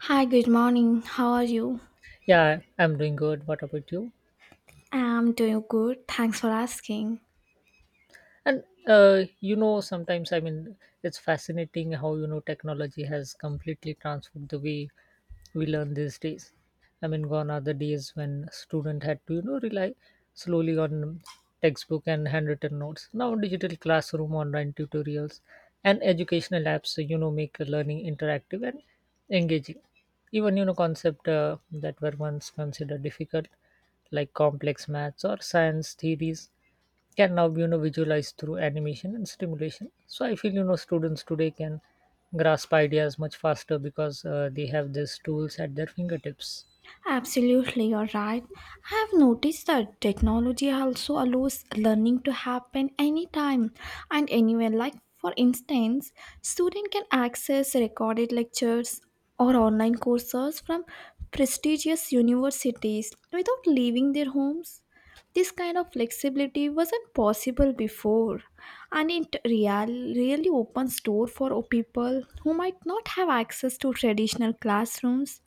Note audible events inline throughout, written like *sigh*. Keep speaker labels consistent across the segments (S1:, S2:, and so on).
S1: Hi, good morning. How are you?
S2: Yeah, I'm doing good. What about you?
S1: I'm doing good. Thanks for asking.
S2: And you know sometimes I mean It's fascinating how technology has completely transformed the way we learn these days. Gone are the days when student had to rely slowly on textbook and handwritten notes. Now digital classroom, online tutorials, and educational apps make learning interactive and engaging. Even concept that were once considered difficult, like complex maths or science theories, can now be visualized through animation and stimulation. So I feel students today can grasp ideas much faster because they have these tools at their fingertips.
S1: Absolutely, you're right. I have noticed that technology also allows learning to happen anytime and anywhere. Like, for instance, student can access recorded lectures or online courses from prestigious universities without leaving their homes. This kind of flexibility wasn't possible before, and it really opens door for people who might not have access to traditional classrooms,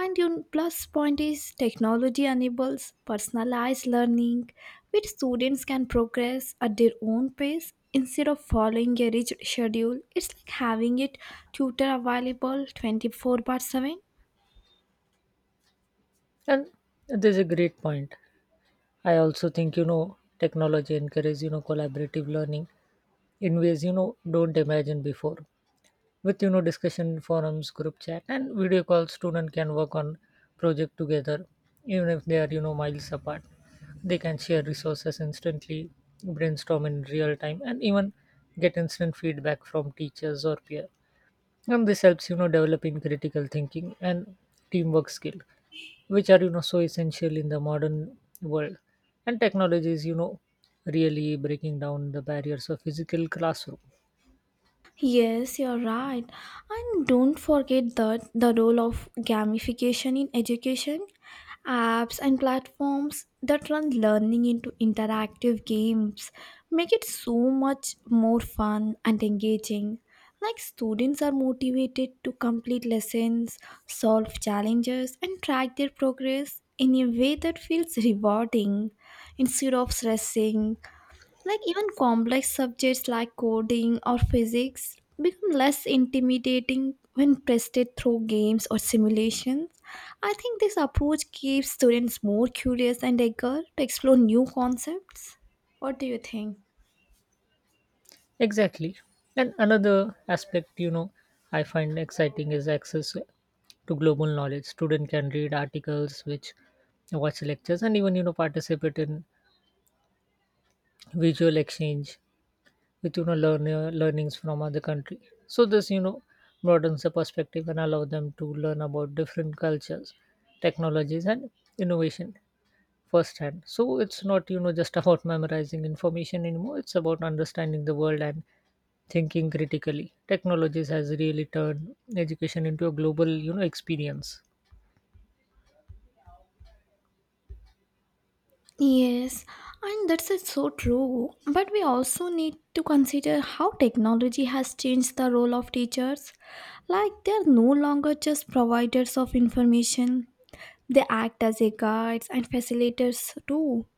S1: and your plus point is technology enables personalized learning, which students can progress at their own pace instead of following a rigid schedule. It's like having a tutor available 24 by 7.
S2: And there's a great point. I also think technology encourages collaborative learning in ways don't imagine before. With discussion forums, group chat, and video calls, student can work on project together even if they are miles apart. They can share resources instantly, brainstorm in real time, and even get instant feedback from teachers or peer. And this helps developing critical thinking and teamwork skill, which are so essential in the modern world. And technology is really breaking down the barriers of physical classroom.
S1: Yes, you're right. And don't forget that the role of gamification in education, apps and platforms that turn learning into interactive games make it so much more fun and engaging. Like students are motivated to complete lessons, solve challenges and track their progress in a way that feels rewarding instead of stressing, like even complex subjects like coding or physics become less intimidating when tested through games or simulations. I think this approach keeps students more curious and eager to explore new concepts. What do you think?
S2: Exactly. And another aspect, I find exciting is access to global knowledge. Student can read articles, which watch lectures, and even participate in visual exchange with learnings from other country. So this broadens the perspective and allow them to learn about different cultures, technologies, and innovation firsthand. So it's not just about memorizing information anymore. It's about understanding the world and thinking critically. Technologies has really turned education into a global, experience.
S1: Yes, and that's it so true. But we also need to consider how technology has changed the role of teachers. Like, they're no longer just providers of information. They act as a guides and facilitators too.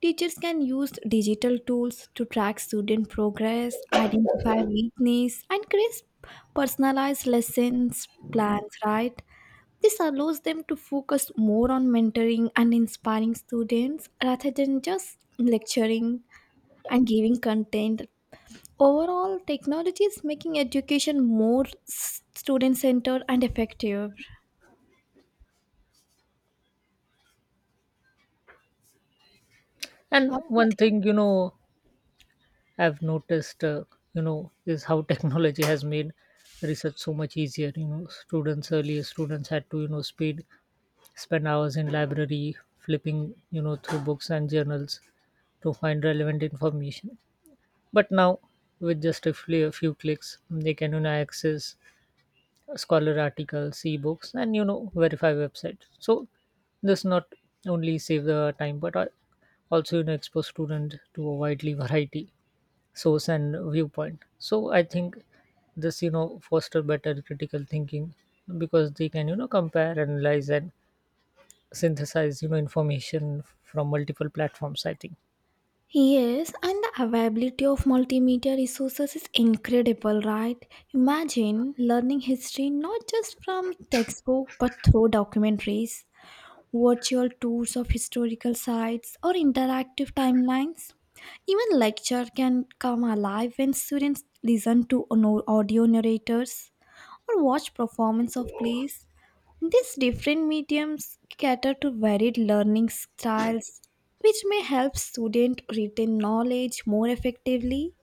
S1: Teachers can use digital tools to track student progress, identify weakness, and create personalized lessons plans, right? This allows them to focus more on mentoring and inspiring students rather than just lecturing and giving content. Overall, technology is making education more student centered and effective.
S2: And
S1: What?
S2: one thing, I've noticed is how *laughs* technology has made research so much easier. You know, students earlier students had to, you know, speed spend hours in library flipping, through books and journals to find relevant information. But now, with just a few clicks, they can access scholar articles, ebooks, and verify website. So this not only save the time but also expose student to a widely variety source and viewpoint. So I think this foster better critical thinking because they can compare, analyze, and synthesize information from multiple platforms, I think.
S1: Yes, and the availability of multimedia resources is incredible, right? Imagine learning history not just from textbook but through documentaries, virtual tours of historical sites, or interactive timelines. Even lecture can come alive when students listen to audio narrators or watch performance of plays. These different mediums cater to varied learning styles, which may help students retain knowledge more effectively.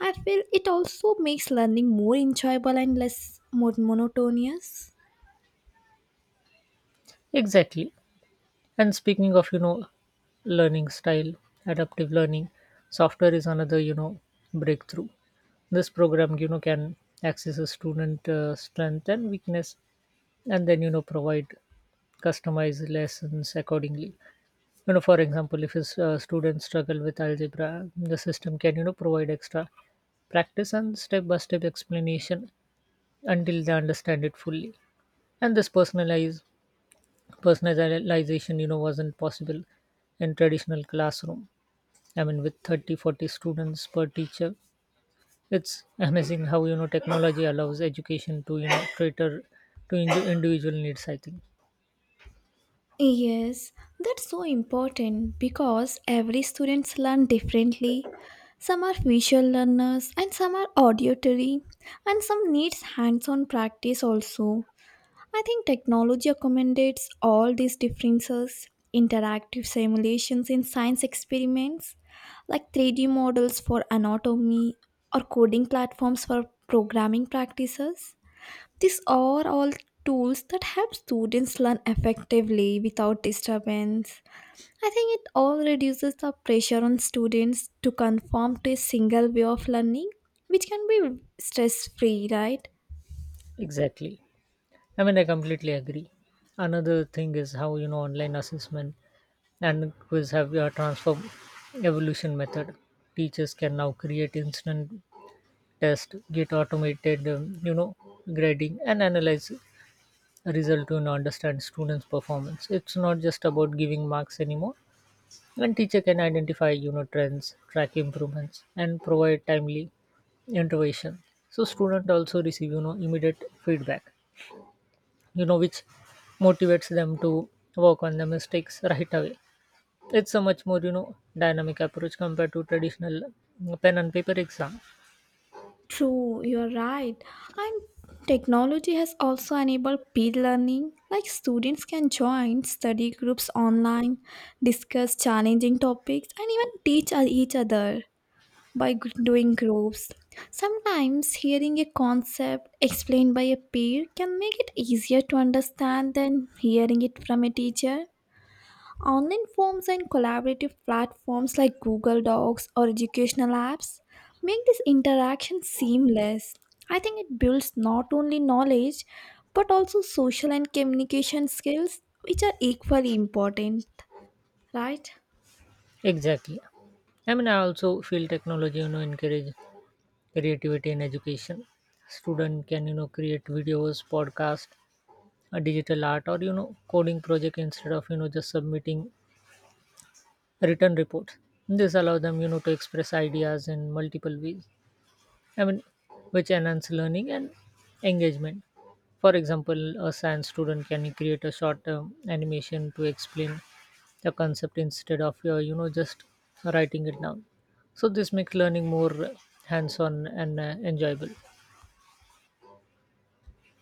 S1: I feel it also makes learning more enjoyable and less monotonous.
S2: Exactly. And speaking of learning style, adaptive learning software is another breakthrough. This program can access a student strength and weakness, and then provide customized lessons accordingly. For example, if a student struggle with algebra, the system can provide extra practice and step by step explanation until they understand it fully. And this personalized personalization wasn't possible in traditional classroom, I mean with 30 40 students per teacher. It's amazing how technology allows education to cater to individual needs, I think.
S1: Yes, that's so important because every students learn differently. Some are visual learners and some are auditory and some needs hands-on practice also. I think technology accommodates all these differences. Interactive simulations in science experiments, like 3D models for anatomy or coding platforms for programming practices. These are all tools that help students learn effectively without disturbance. I think it all reduces the pressure on students to conform to a single way of learning, which can be stress free, right?
S2: Exactly. I mean, I completely agree. Another thing is how online assessment and quiz have transformed evolution method. Teachers can now create instant test, get automated grading, and analyze result to understand students' performance. It's not just about giving marks anymore. And teacher can identify trends, track improvements, and provide timely intervention. So student also receive immediate feedback, which motivates them to work on the mistakes right away. It's a much more dynamic approach compared to traditional pen and paper exam.
S1: True, you're right. And technology has also enabled peer learning, like students can join study groups online, discuss challenging topics, and even teach each other by doing groups. Sometimes hearing a concept explained by a peer can make it easier to understand than hearing it from a teacher. Online forms and collaborative platforms like Google Docs or educational apps make this interaction seamless. I think it builds not only knowledge but also social and communication skills, which are equally important, right?
S2: Exactly. I also feel technology encourage creativity in education. Student can create videos, podcast, a digital art, or coding project instead of just submitting written reports. This allows them to express ideas in multiple ways, I mean, which enhance learning and engagement. For example, a science student can create a short animation to explain the concept instead of just writing it down. So this makes learning more hands on and enjoyable.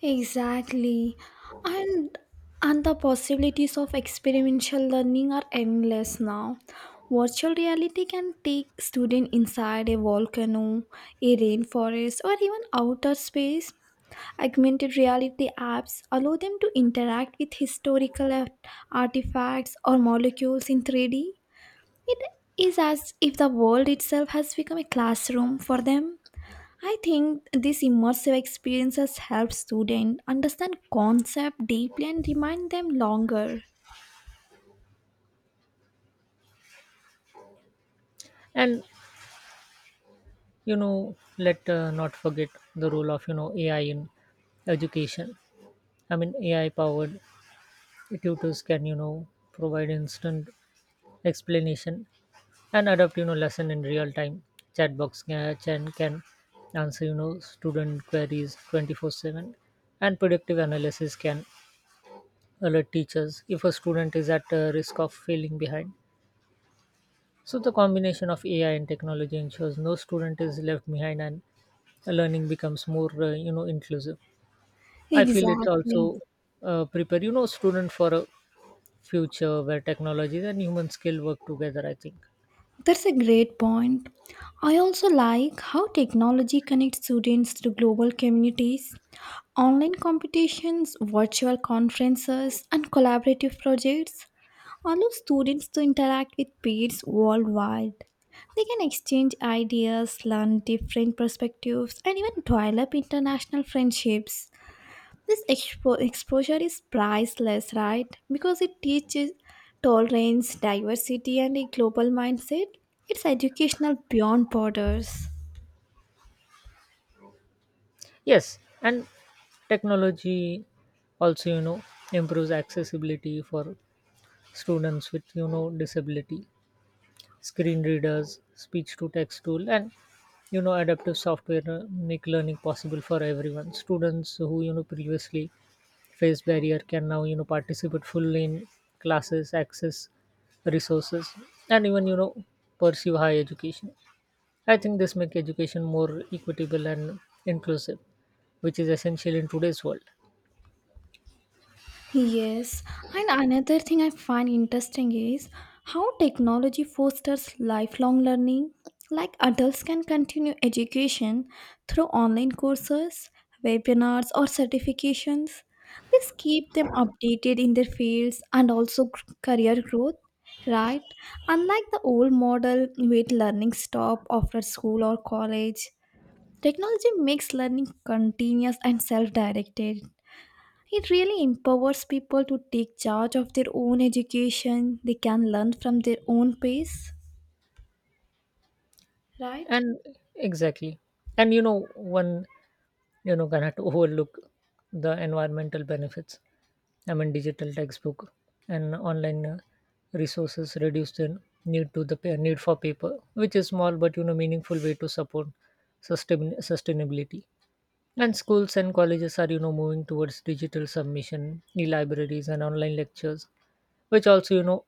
S1: Exactly. And and the possibilities of experiential learning are endless now. Virtual reality can take student inside a volcano, a rainforest, or even outer space. Augmented reality apps allow them to interact with historical artifacts or molecules in 3D. It is as if the world itself has become a classroom for them. I think these immersive experiences help students understand concepts deeply and remind them longer.
S2: And you know let not forget the role of AI in education. I mean, AI powered tutors can, provide instant explanation and adapt, lesson in real time. Chatbox can answer, student queries 24/7. And predictive analysis can alert teachers if a student is at risk of falling behind. So the combination of AI and technology ensures no student is left behind and learning becomes more, inclusive. I feel it
S1: Exactly.
S2: also prepare, student for a future where technologies and human skill work together, I think.
S1: That's a great point. I also like how technology connects students to global communities. Online competitions, virtual conferences, and collaborative projects allow students to interact with peers worldwide. They can exchange ideas, learn different perspectives, and even develop international friendships. This exposure is priceless, right? Because it teaches tolerance, diversity, and a global mindset. It's educational beyond borders.
S2: Yes, and technology also improves accessibility for students with disability. Screen readers, speech to text tool, and adaptive software make learning possible for everyone. Students who previously faced barrier can now participate fully in classes, access resources, and even pursue higher education. I think this makes education more equitable and inclusive, which is essential in today's world.
S1: Yes, and another thing I find interesting is how technology fosters lifelong learning. Like adults can continue education through online courses, webinars, or certifications. This keep them updated in their fields and also career growth, right? Unlike the old model where learning stop after school or college, technology makes learning continuous and self-directed. It really empowers people to take charge of their own education. They can learn from their own pace, right?
S2: And exactly. And one cannot *laughs* overlook the environmental benefits. I mean, digital textbook and online resources reduce the need to the pa- need for paper, which is small but meaningful way to support sustainability. And schools and colleges are moving towards digital submission, e-libraries, and online lectures, which also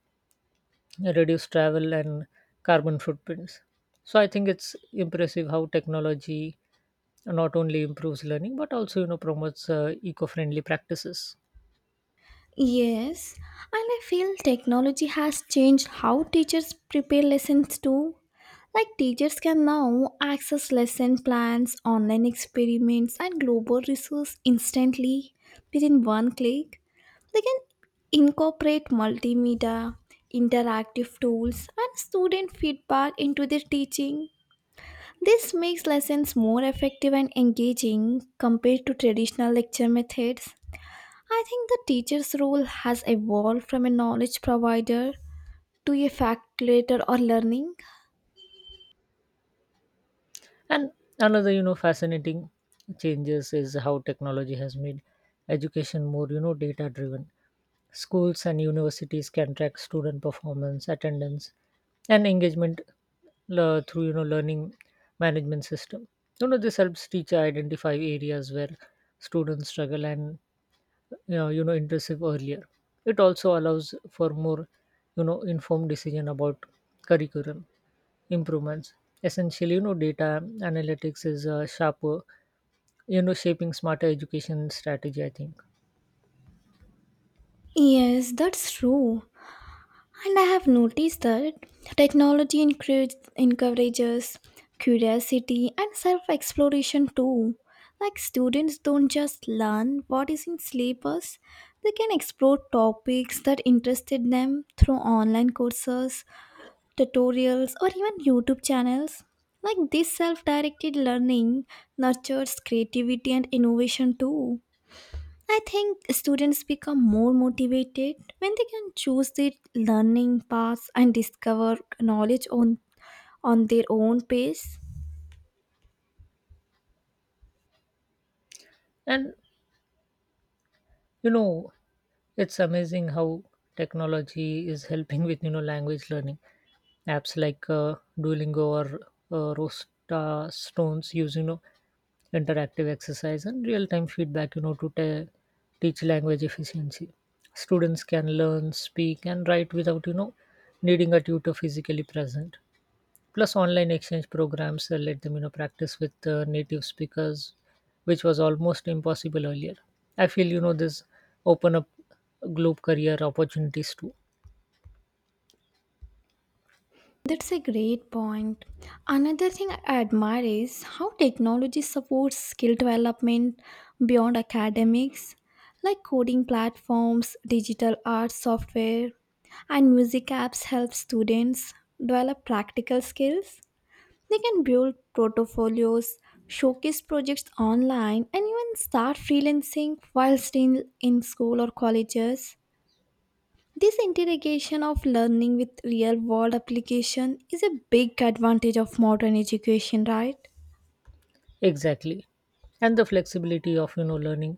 S2: reduce travel and carbon footprints. So I think it's impressive how technology not only improves learning but also promotes eco-friendly practices.
S1: Yes, and I feel technology has changed how teachers prepare lessons too. Like teachers can now access lesson plans, online experiments, and global resources instantly within one click. They can incorporate multimedia, interactive tools, and student feedback into their teaching. This makes lessons more effective and engaging compared to traditional lecture methods. I think the teacher's role has evolved from a knowledge provider to a facilitator or learning.
S2: And another fascinating changes is how technology has made education more data driven. Schools and universities can track student performance, attendance, and engagement through learning management system. This helps teacher identify areas where students struggle and yeah, intrusive earlier. It also allows for more informed decision about curriculum improvements. Essentially, data analytics is sharper, shaping smarter education strategy, I think.
S1: Yes, that's true. And I have noticed that technology encourages curiosity and self exploration too. Like students don't just learn what is in syllabus, they can explore topics that interested them through online courses, tutorials, or even YouTube channels. Like this self directed learning nurtures creativity and innovation too. I think students become more motivated when they can choose their learning paths and discover knowledge on, their own pace.
S2: And you know it's amazing how technology is helping with language learning apps like Duolingo or rosta stones. Use interactive exercise and real-time feedback teach language efficiency. Students can learn, speak, and write without needing a tutor physically present. Plus, online exchange programs let them practice with native speakers, which was almost impossible earlier. I feel this open up globe career opportunities too.
S1: That's a great point. Another thing I admire is how technology supports skill development beyond academics, like coding platforms, digital art software, and music apps help students develop practical skills. They can build portfolios, showcase projects online, and even start freelancing while still in school or colleges. This integration of learning with real world application is a big advantage of modern education, right?
S2: Exactly, and the flexibility of learning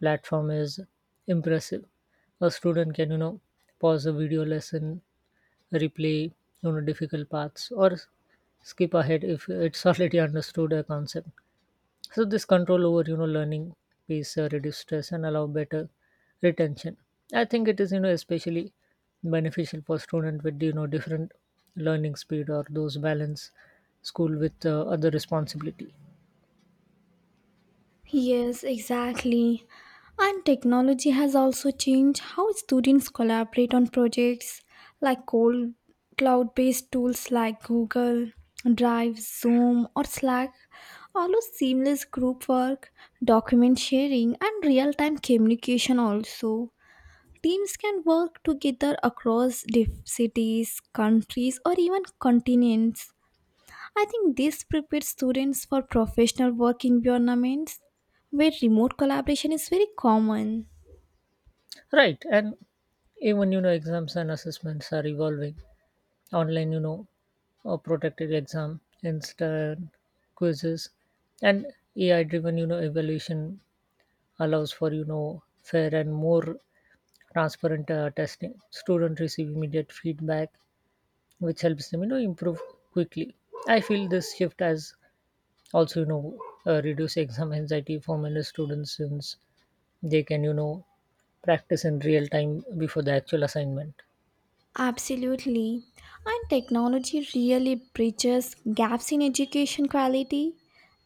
S2: platform is impressive. A student can pause a video lesson, replay difficult parts, or skip ahead if it's *laughs* already understood a concept. So this control over learning pace reduce stress and allow better retention. I think it is especially beneficial for student with different learning speed or those balance school with other responsibility.
S1: Yes, exactly. And technology has also changed how students collaborate on projects, like cold cloud based tools like Google Drive, Zoom, or Slack allow seamless group work, document sharing, and real time communication also. Teams can work together across cities, countries, or even continents. I think this prepares students for professional work environments where remote collaboration is very common.
S2: Right, and even exams and assessments are evolving. Online protected exam, instant quizzes, and AI driven evaluation allows for fair and more transparent testing. Students receive immediate feedback, which helps them improve quickly. I feel this shift has also reduce exam anxiety for many students, since they can practice in real time before the actual assignment.
S1: Absolutely. And technology really bridges gaps in education quality.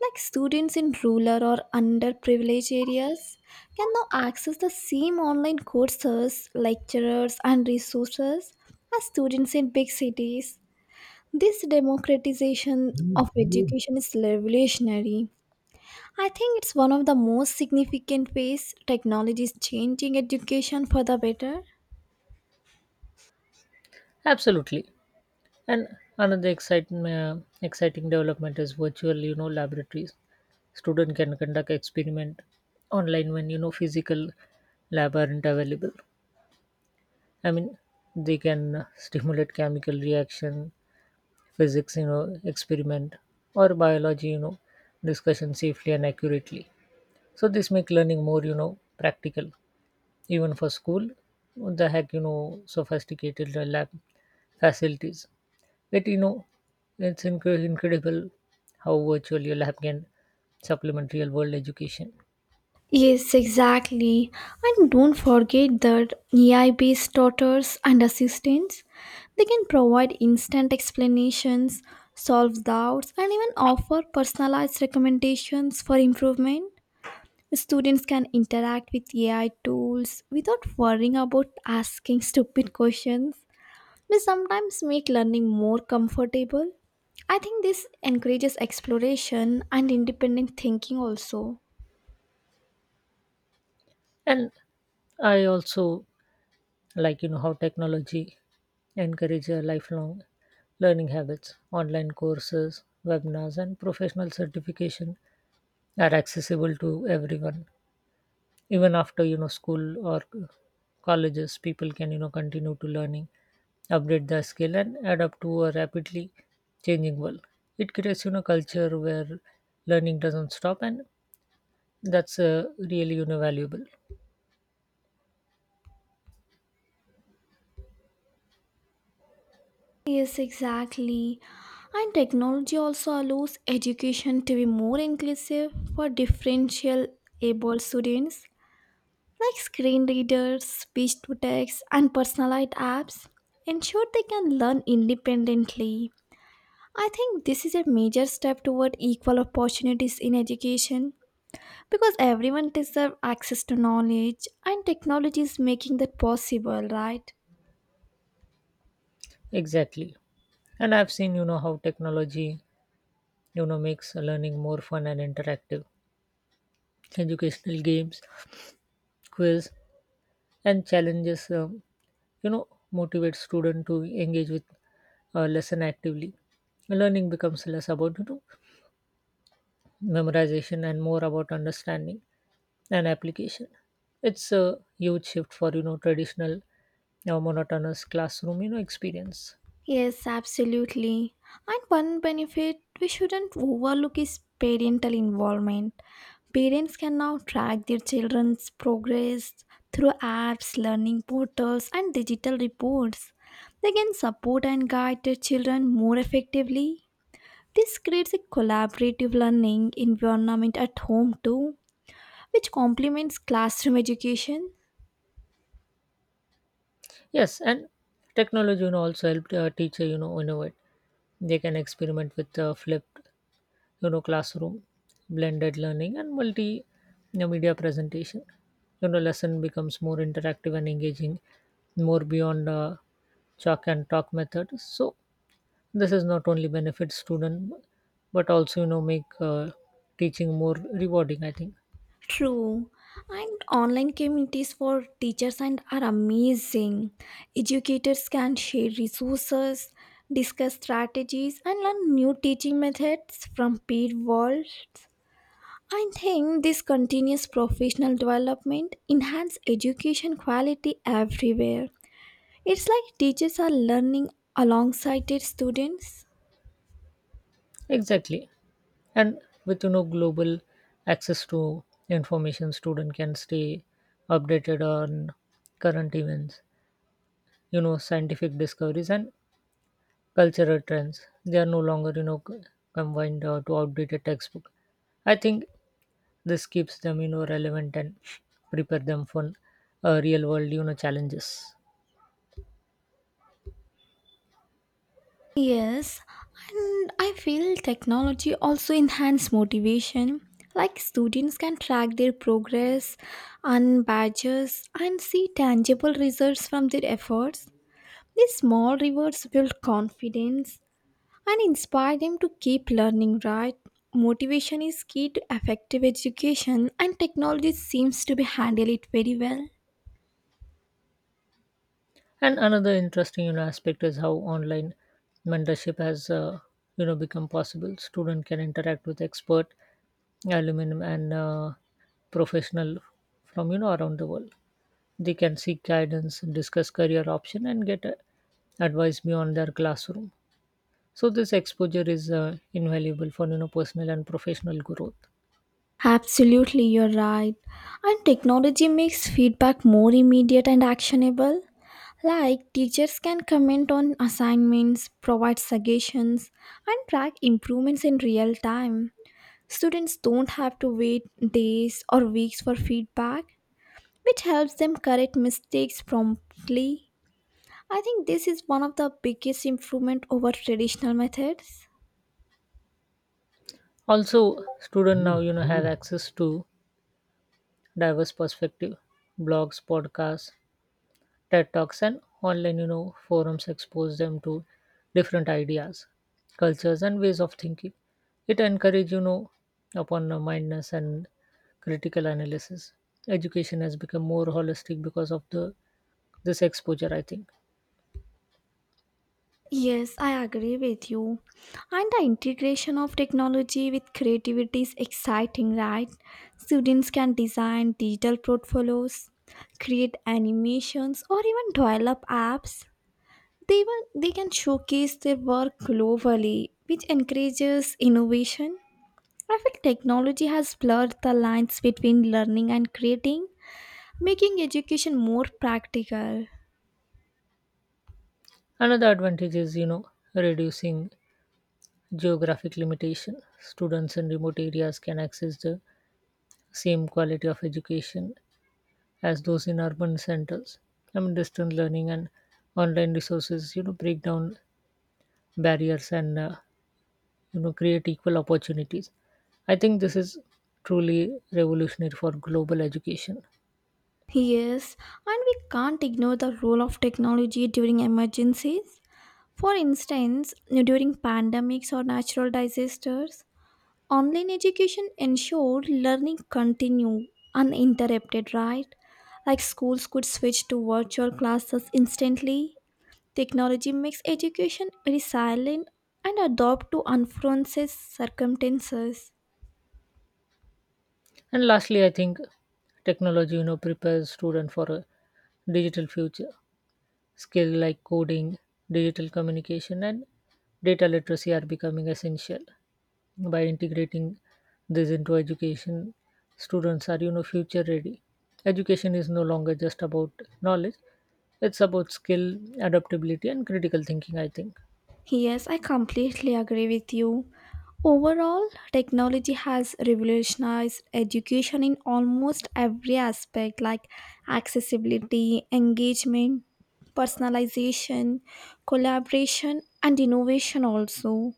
S1: Like students in rural or underprivileged areas can now access the same online courses, lecturers, and resources as students in big cities. This democratization of education is revolutionary. I think it's one of the most significant ways technology is changing education for the better.
S2: Absolutely. And another exciting development is virtual laboratories. Student can conduct experiment online when physical lab aren't available. I mean, they can stimulate chemical reaction, physics, experiment, or biology, discussion safely and accurately. So this make learning more, practical, even for school. What the heck, sophisticated lab facilities. It, you know, it's incredible how virtual your lab can supplement real world education.
S1: Yes, exactly. And don't forget that AI-based tutors and assistants, they can provide instant explanations, solve doubts, and even offer personalized recommendations for improvement. Students can interact with AI tools without worrying about asking stupid questions, which sometimes make learning more comfortable. I think this encourages exploration and independent thinking also.
S2: And I also like how technology encourage lifelong learning habits. Online courses, webinars, and professional certification are accessible to everyone. Even after school or colleges, people can continue to learning, update their skill, and adapt to a rapidly changing world. It creates culture where learning doesn't stop, and that's really valuable.
S1: Yes, exactly. And technology also allows education to be more inclusive for differential able students, like screen readers, speech to text, and personalized apps, ensure they can learn independently. I think this is a major step toward equal opportunities in education because everyone deserves access to knowledge, and technology is making that possible, right?
S2: Exactly. And I've seen how technology makes learning more fun and interactive. Educational games, quiz, and challenges you know motivate students to engage with lesson actively. Learning becomes less about memorization and more about understanding and application. It's a huge shift for traditional monotonous classroom experience.
S1: Yes, absolutely. And one benefit we shouldn't overlook is parental involvement. Parents can now track their children's progress through apps, learning portals, and digital reports. They can support and guide their children more effectively. This creates a collaborative learning environment at home too, which complements classroom education.
S2: Yes, and technology also helped teacher innovate. They can experiment with flipped classroom, blended learning, and multimedia presentation. Lesson becomes more interactive and engaging, more beyond chalk and talk method. So this is not only benefit student but also make teaching more rewarding, I think.
S1: True. And online communities for teachers and are amazing. Educators can share resources, discuss strategies, and learn new teaching methods from peer worlds. I think this continuous professional development enhance education quality everywhere. It's like teachers are learning alongside their students.
S2: Exactly. And with global access to information, student can stay updated on current events, scientific discoveries, and cultural trends. They are no longer, confined to outdated textbook. I think this keeps them, relevant and prepare them for real world, challenges.
S1: Yes, and I feel technology also enhance motivation. Like students can track their progress, earn badges, and see tangible results from their efforts. These small rewards build confidence and inspire them to keep learning. Right, motivation is key to effective education, and technology seems to be handle it very well.
S2: And another interesting, aspect is how online mentorship has, become possible. Student can interact with expert aluminum and professional from around the world. They can seek guidance, discuss career option, and get advice beyond their classroom. So this exposure is invaluable for personal and professional growth.
S1: Absolutely, you're right. And technology makes feedback more immediate and actionable. Like, teachers can comment on assignments, provide suggestions, and track improvements in real time. Students don't have to wait days or weeks for feedback, which helps them correct mistakes promptly. I think this is one of the biggest improvement over traditional methods.
S2: Also, student now have access to diverse perspective. Blogs, podcasts, TED talks, and online forums expose them to different ideas, cultures, and ways of thinking. It encourages upon the mindness and critical analysis. Education has become more holistic because of the this exposure, I think.
S1: Yes, I agree with you. And the integration of technology with creativity is exciting, right? Students can design digital portfolios, create animations, or even develop apps. They even they can showcase their work globally, which encourages innovation. I feel technology has blurred the lines between learning and creating, making education more practical.
S2: Another advantage is reducing geographic limitation. Students in remote areas can access the same quality of education as those in urban centers. I mean, distance learning and online resources, break down barriers and, create equal opportunities. I think this is truly revolutionary for global education.
S1: Yes, and we can't ignore the role of technology during emergencies. For instance, during pandemics or natural disasters, online education ensured learning continued uninterrupted, right? Like schools could switch to virtual classes instantly. Technology makes education resilient and adapt to unforeseen circumstances.
S2: And lastly, I think technology, prepares students for a digital future. Skill like coding, digital communication, and data literacy are becoming essential. By integrating this into education, students are future ready. Education is no longer just about knowledge; it's about skill, adaptability, and critical thinking, I think.
S1: Yes, I completely agree with you. Overall, technology has revolutionized education in almost every aspect like accessibility, engagement, personalization, collaboration, and innovation also.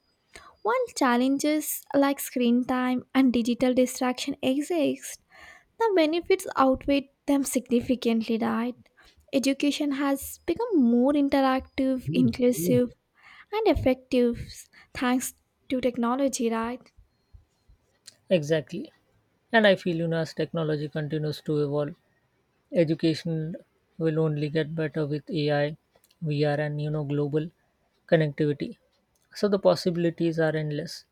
S1: While challenges like screen time and digital distraction exist, the benefits outweigh them significantly, right? Education has become more interactive, inclusive, and effective thanks to technology, right?
S2: Exactly. And I feel, as technology continues to evolve, education will only get better with AI, VR, and, global connectivity. So the possibilities are endless.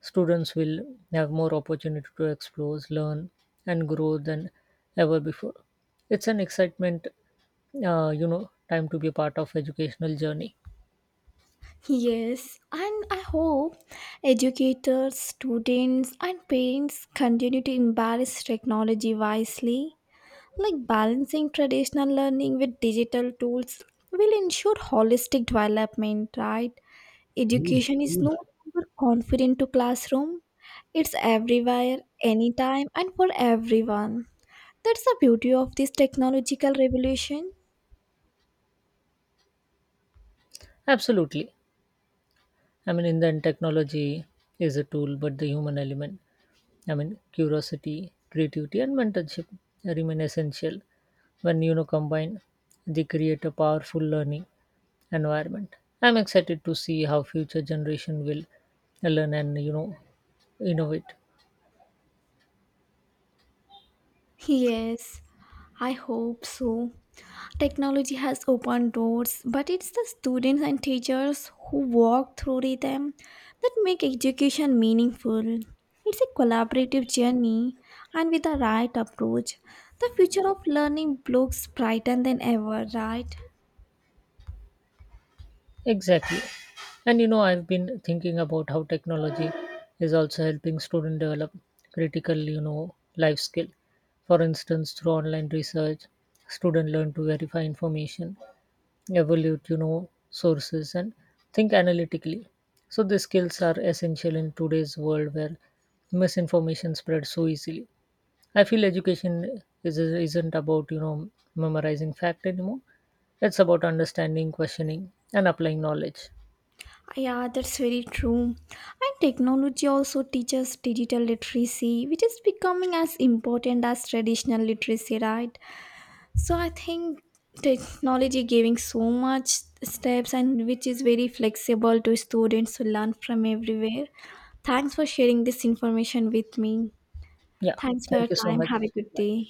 S2: Students will have more opportunity to explore, learn, and grow than ever before. It's an excitement, time to be a part of educational journey.
S1: Yes, and I hope educators, students, and parents continue to embrace technology wisely. Like balancing traditional learning with digital tools will ensure holistic development, right? Education is no longer confined to classroom. It's everywhere, anytime, and for everyone. That's the beauty of this technological revolution.
S2: Absolutely. I mean, in the end, technology is a tool, but the human element, I mean, curiosity, creativity, and mentorship remain essential. When combine, they create a powerful learning environment. I'm excited to see how future generation will learn and innovate.
S1: Yes, I hope so. Technology has opened doors, but it's the students and teachers who walk through them that make education meaningful. It's a collaborative journey, and with the right approach, the future of learning looks brighter than ever, right?
S2: Exactly, and I've been thinking about how technology is also helping students develop critical life skill. For instance, through online research, students learn to verify information, evaluate sources, and think analytically. So these skills are essential in today's world where misinformation spreads so easily. I feel education isn't about memorizing fact anymore. It's about understanding, questioning, and applying knowledge.
S1: Yeah, that's very true. And technology also teaches digital literacy, which is becoming as important as traditional literacy, right? So I think technology giving so much steps and which is very flexible to students to learn from everywhere. Thanks for sharing this information with me.
S2: Yeah,
S1: Thanks for your
S2: thank you so
S1: time.
S2: much.
S1: Have a good day.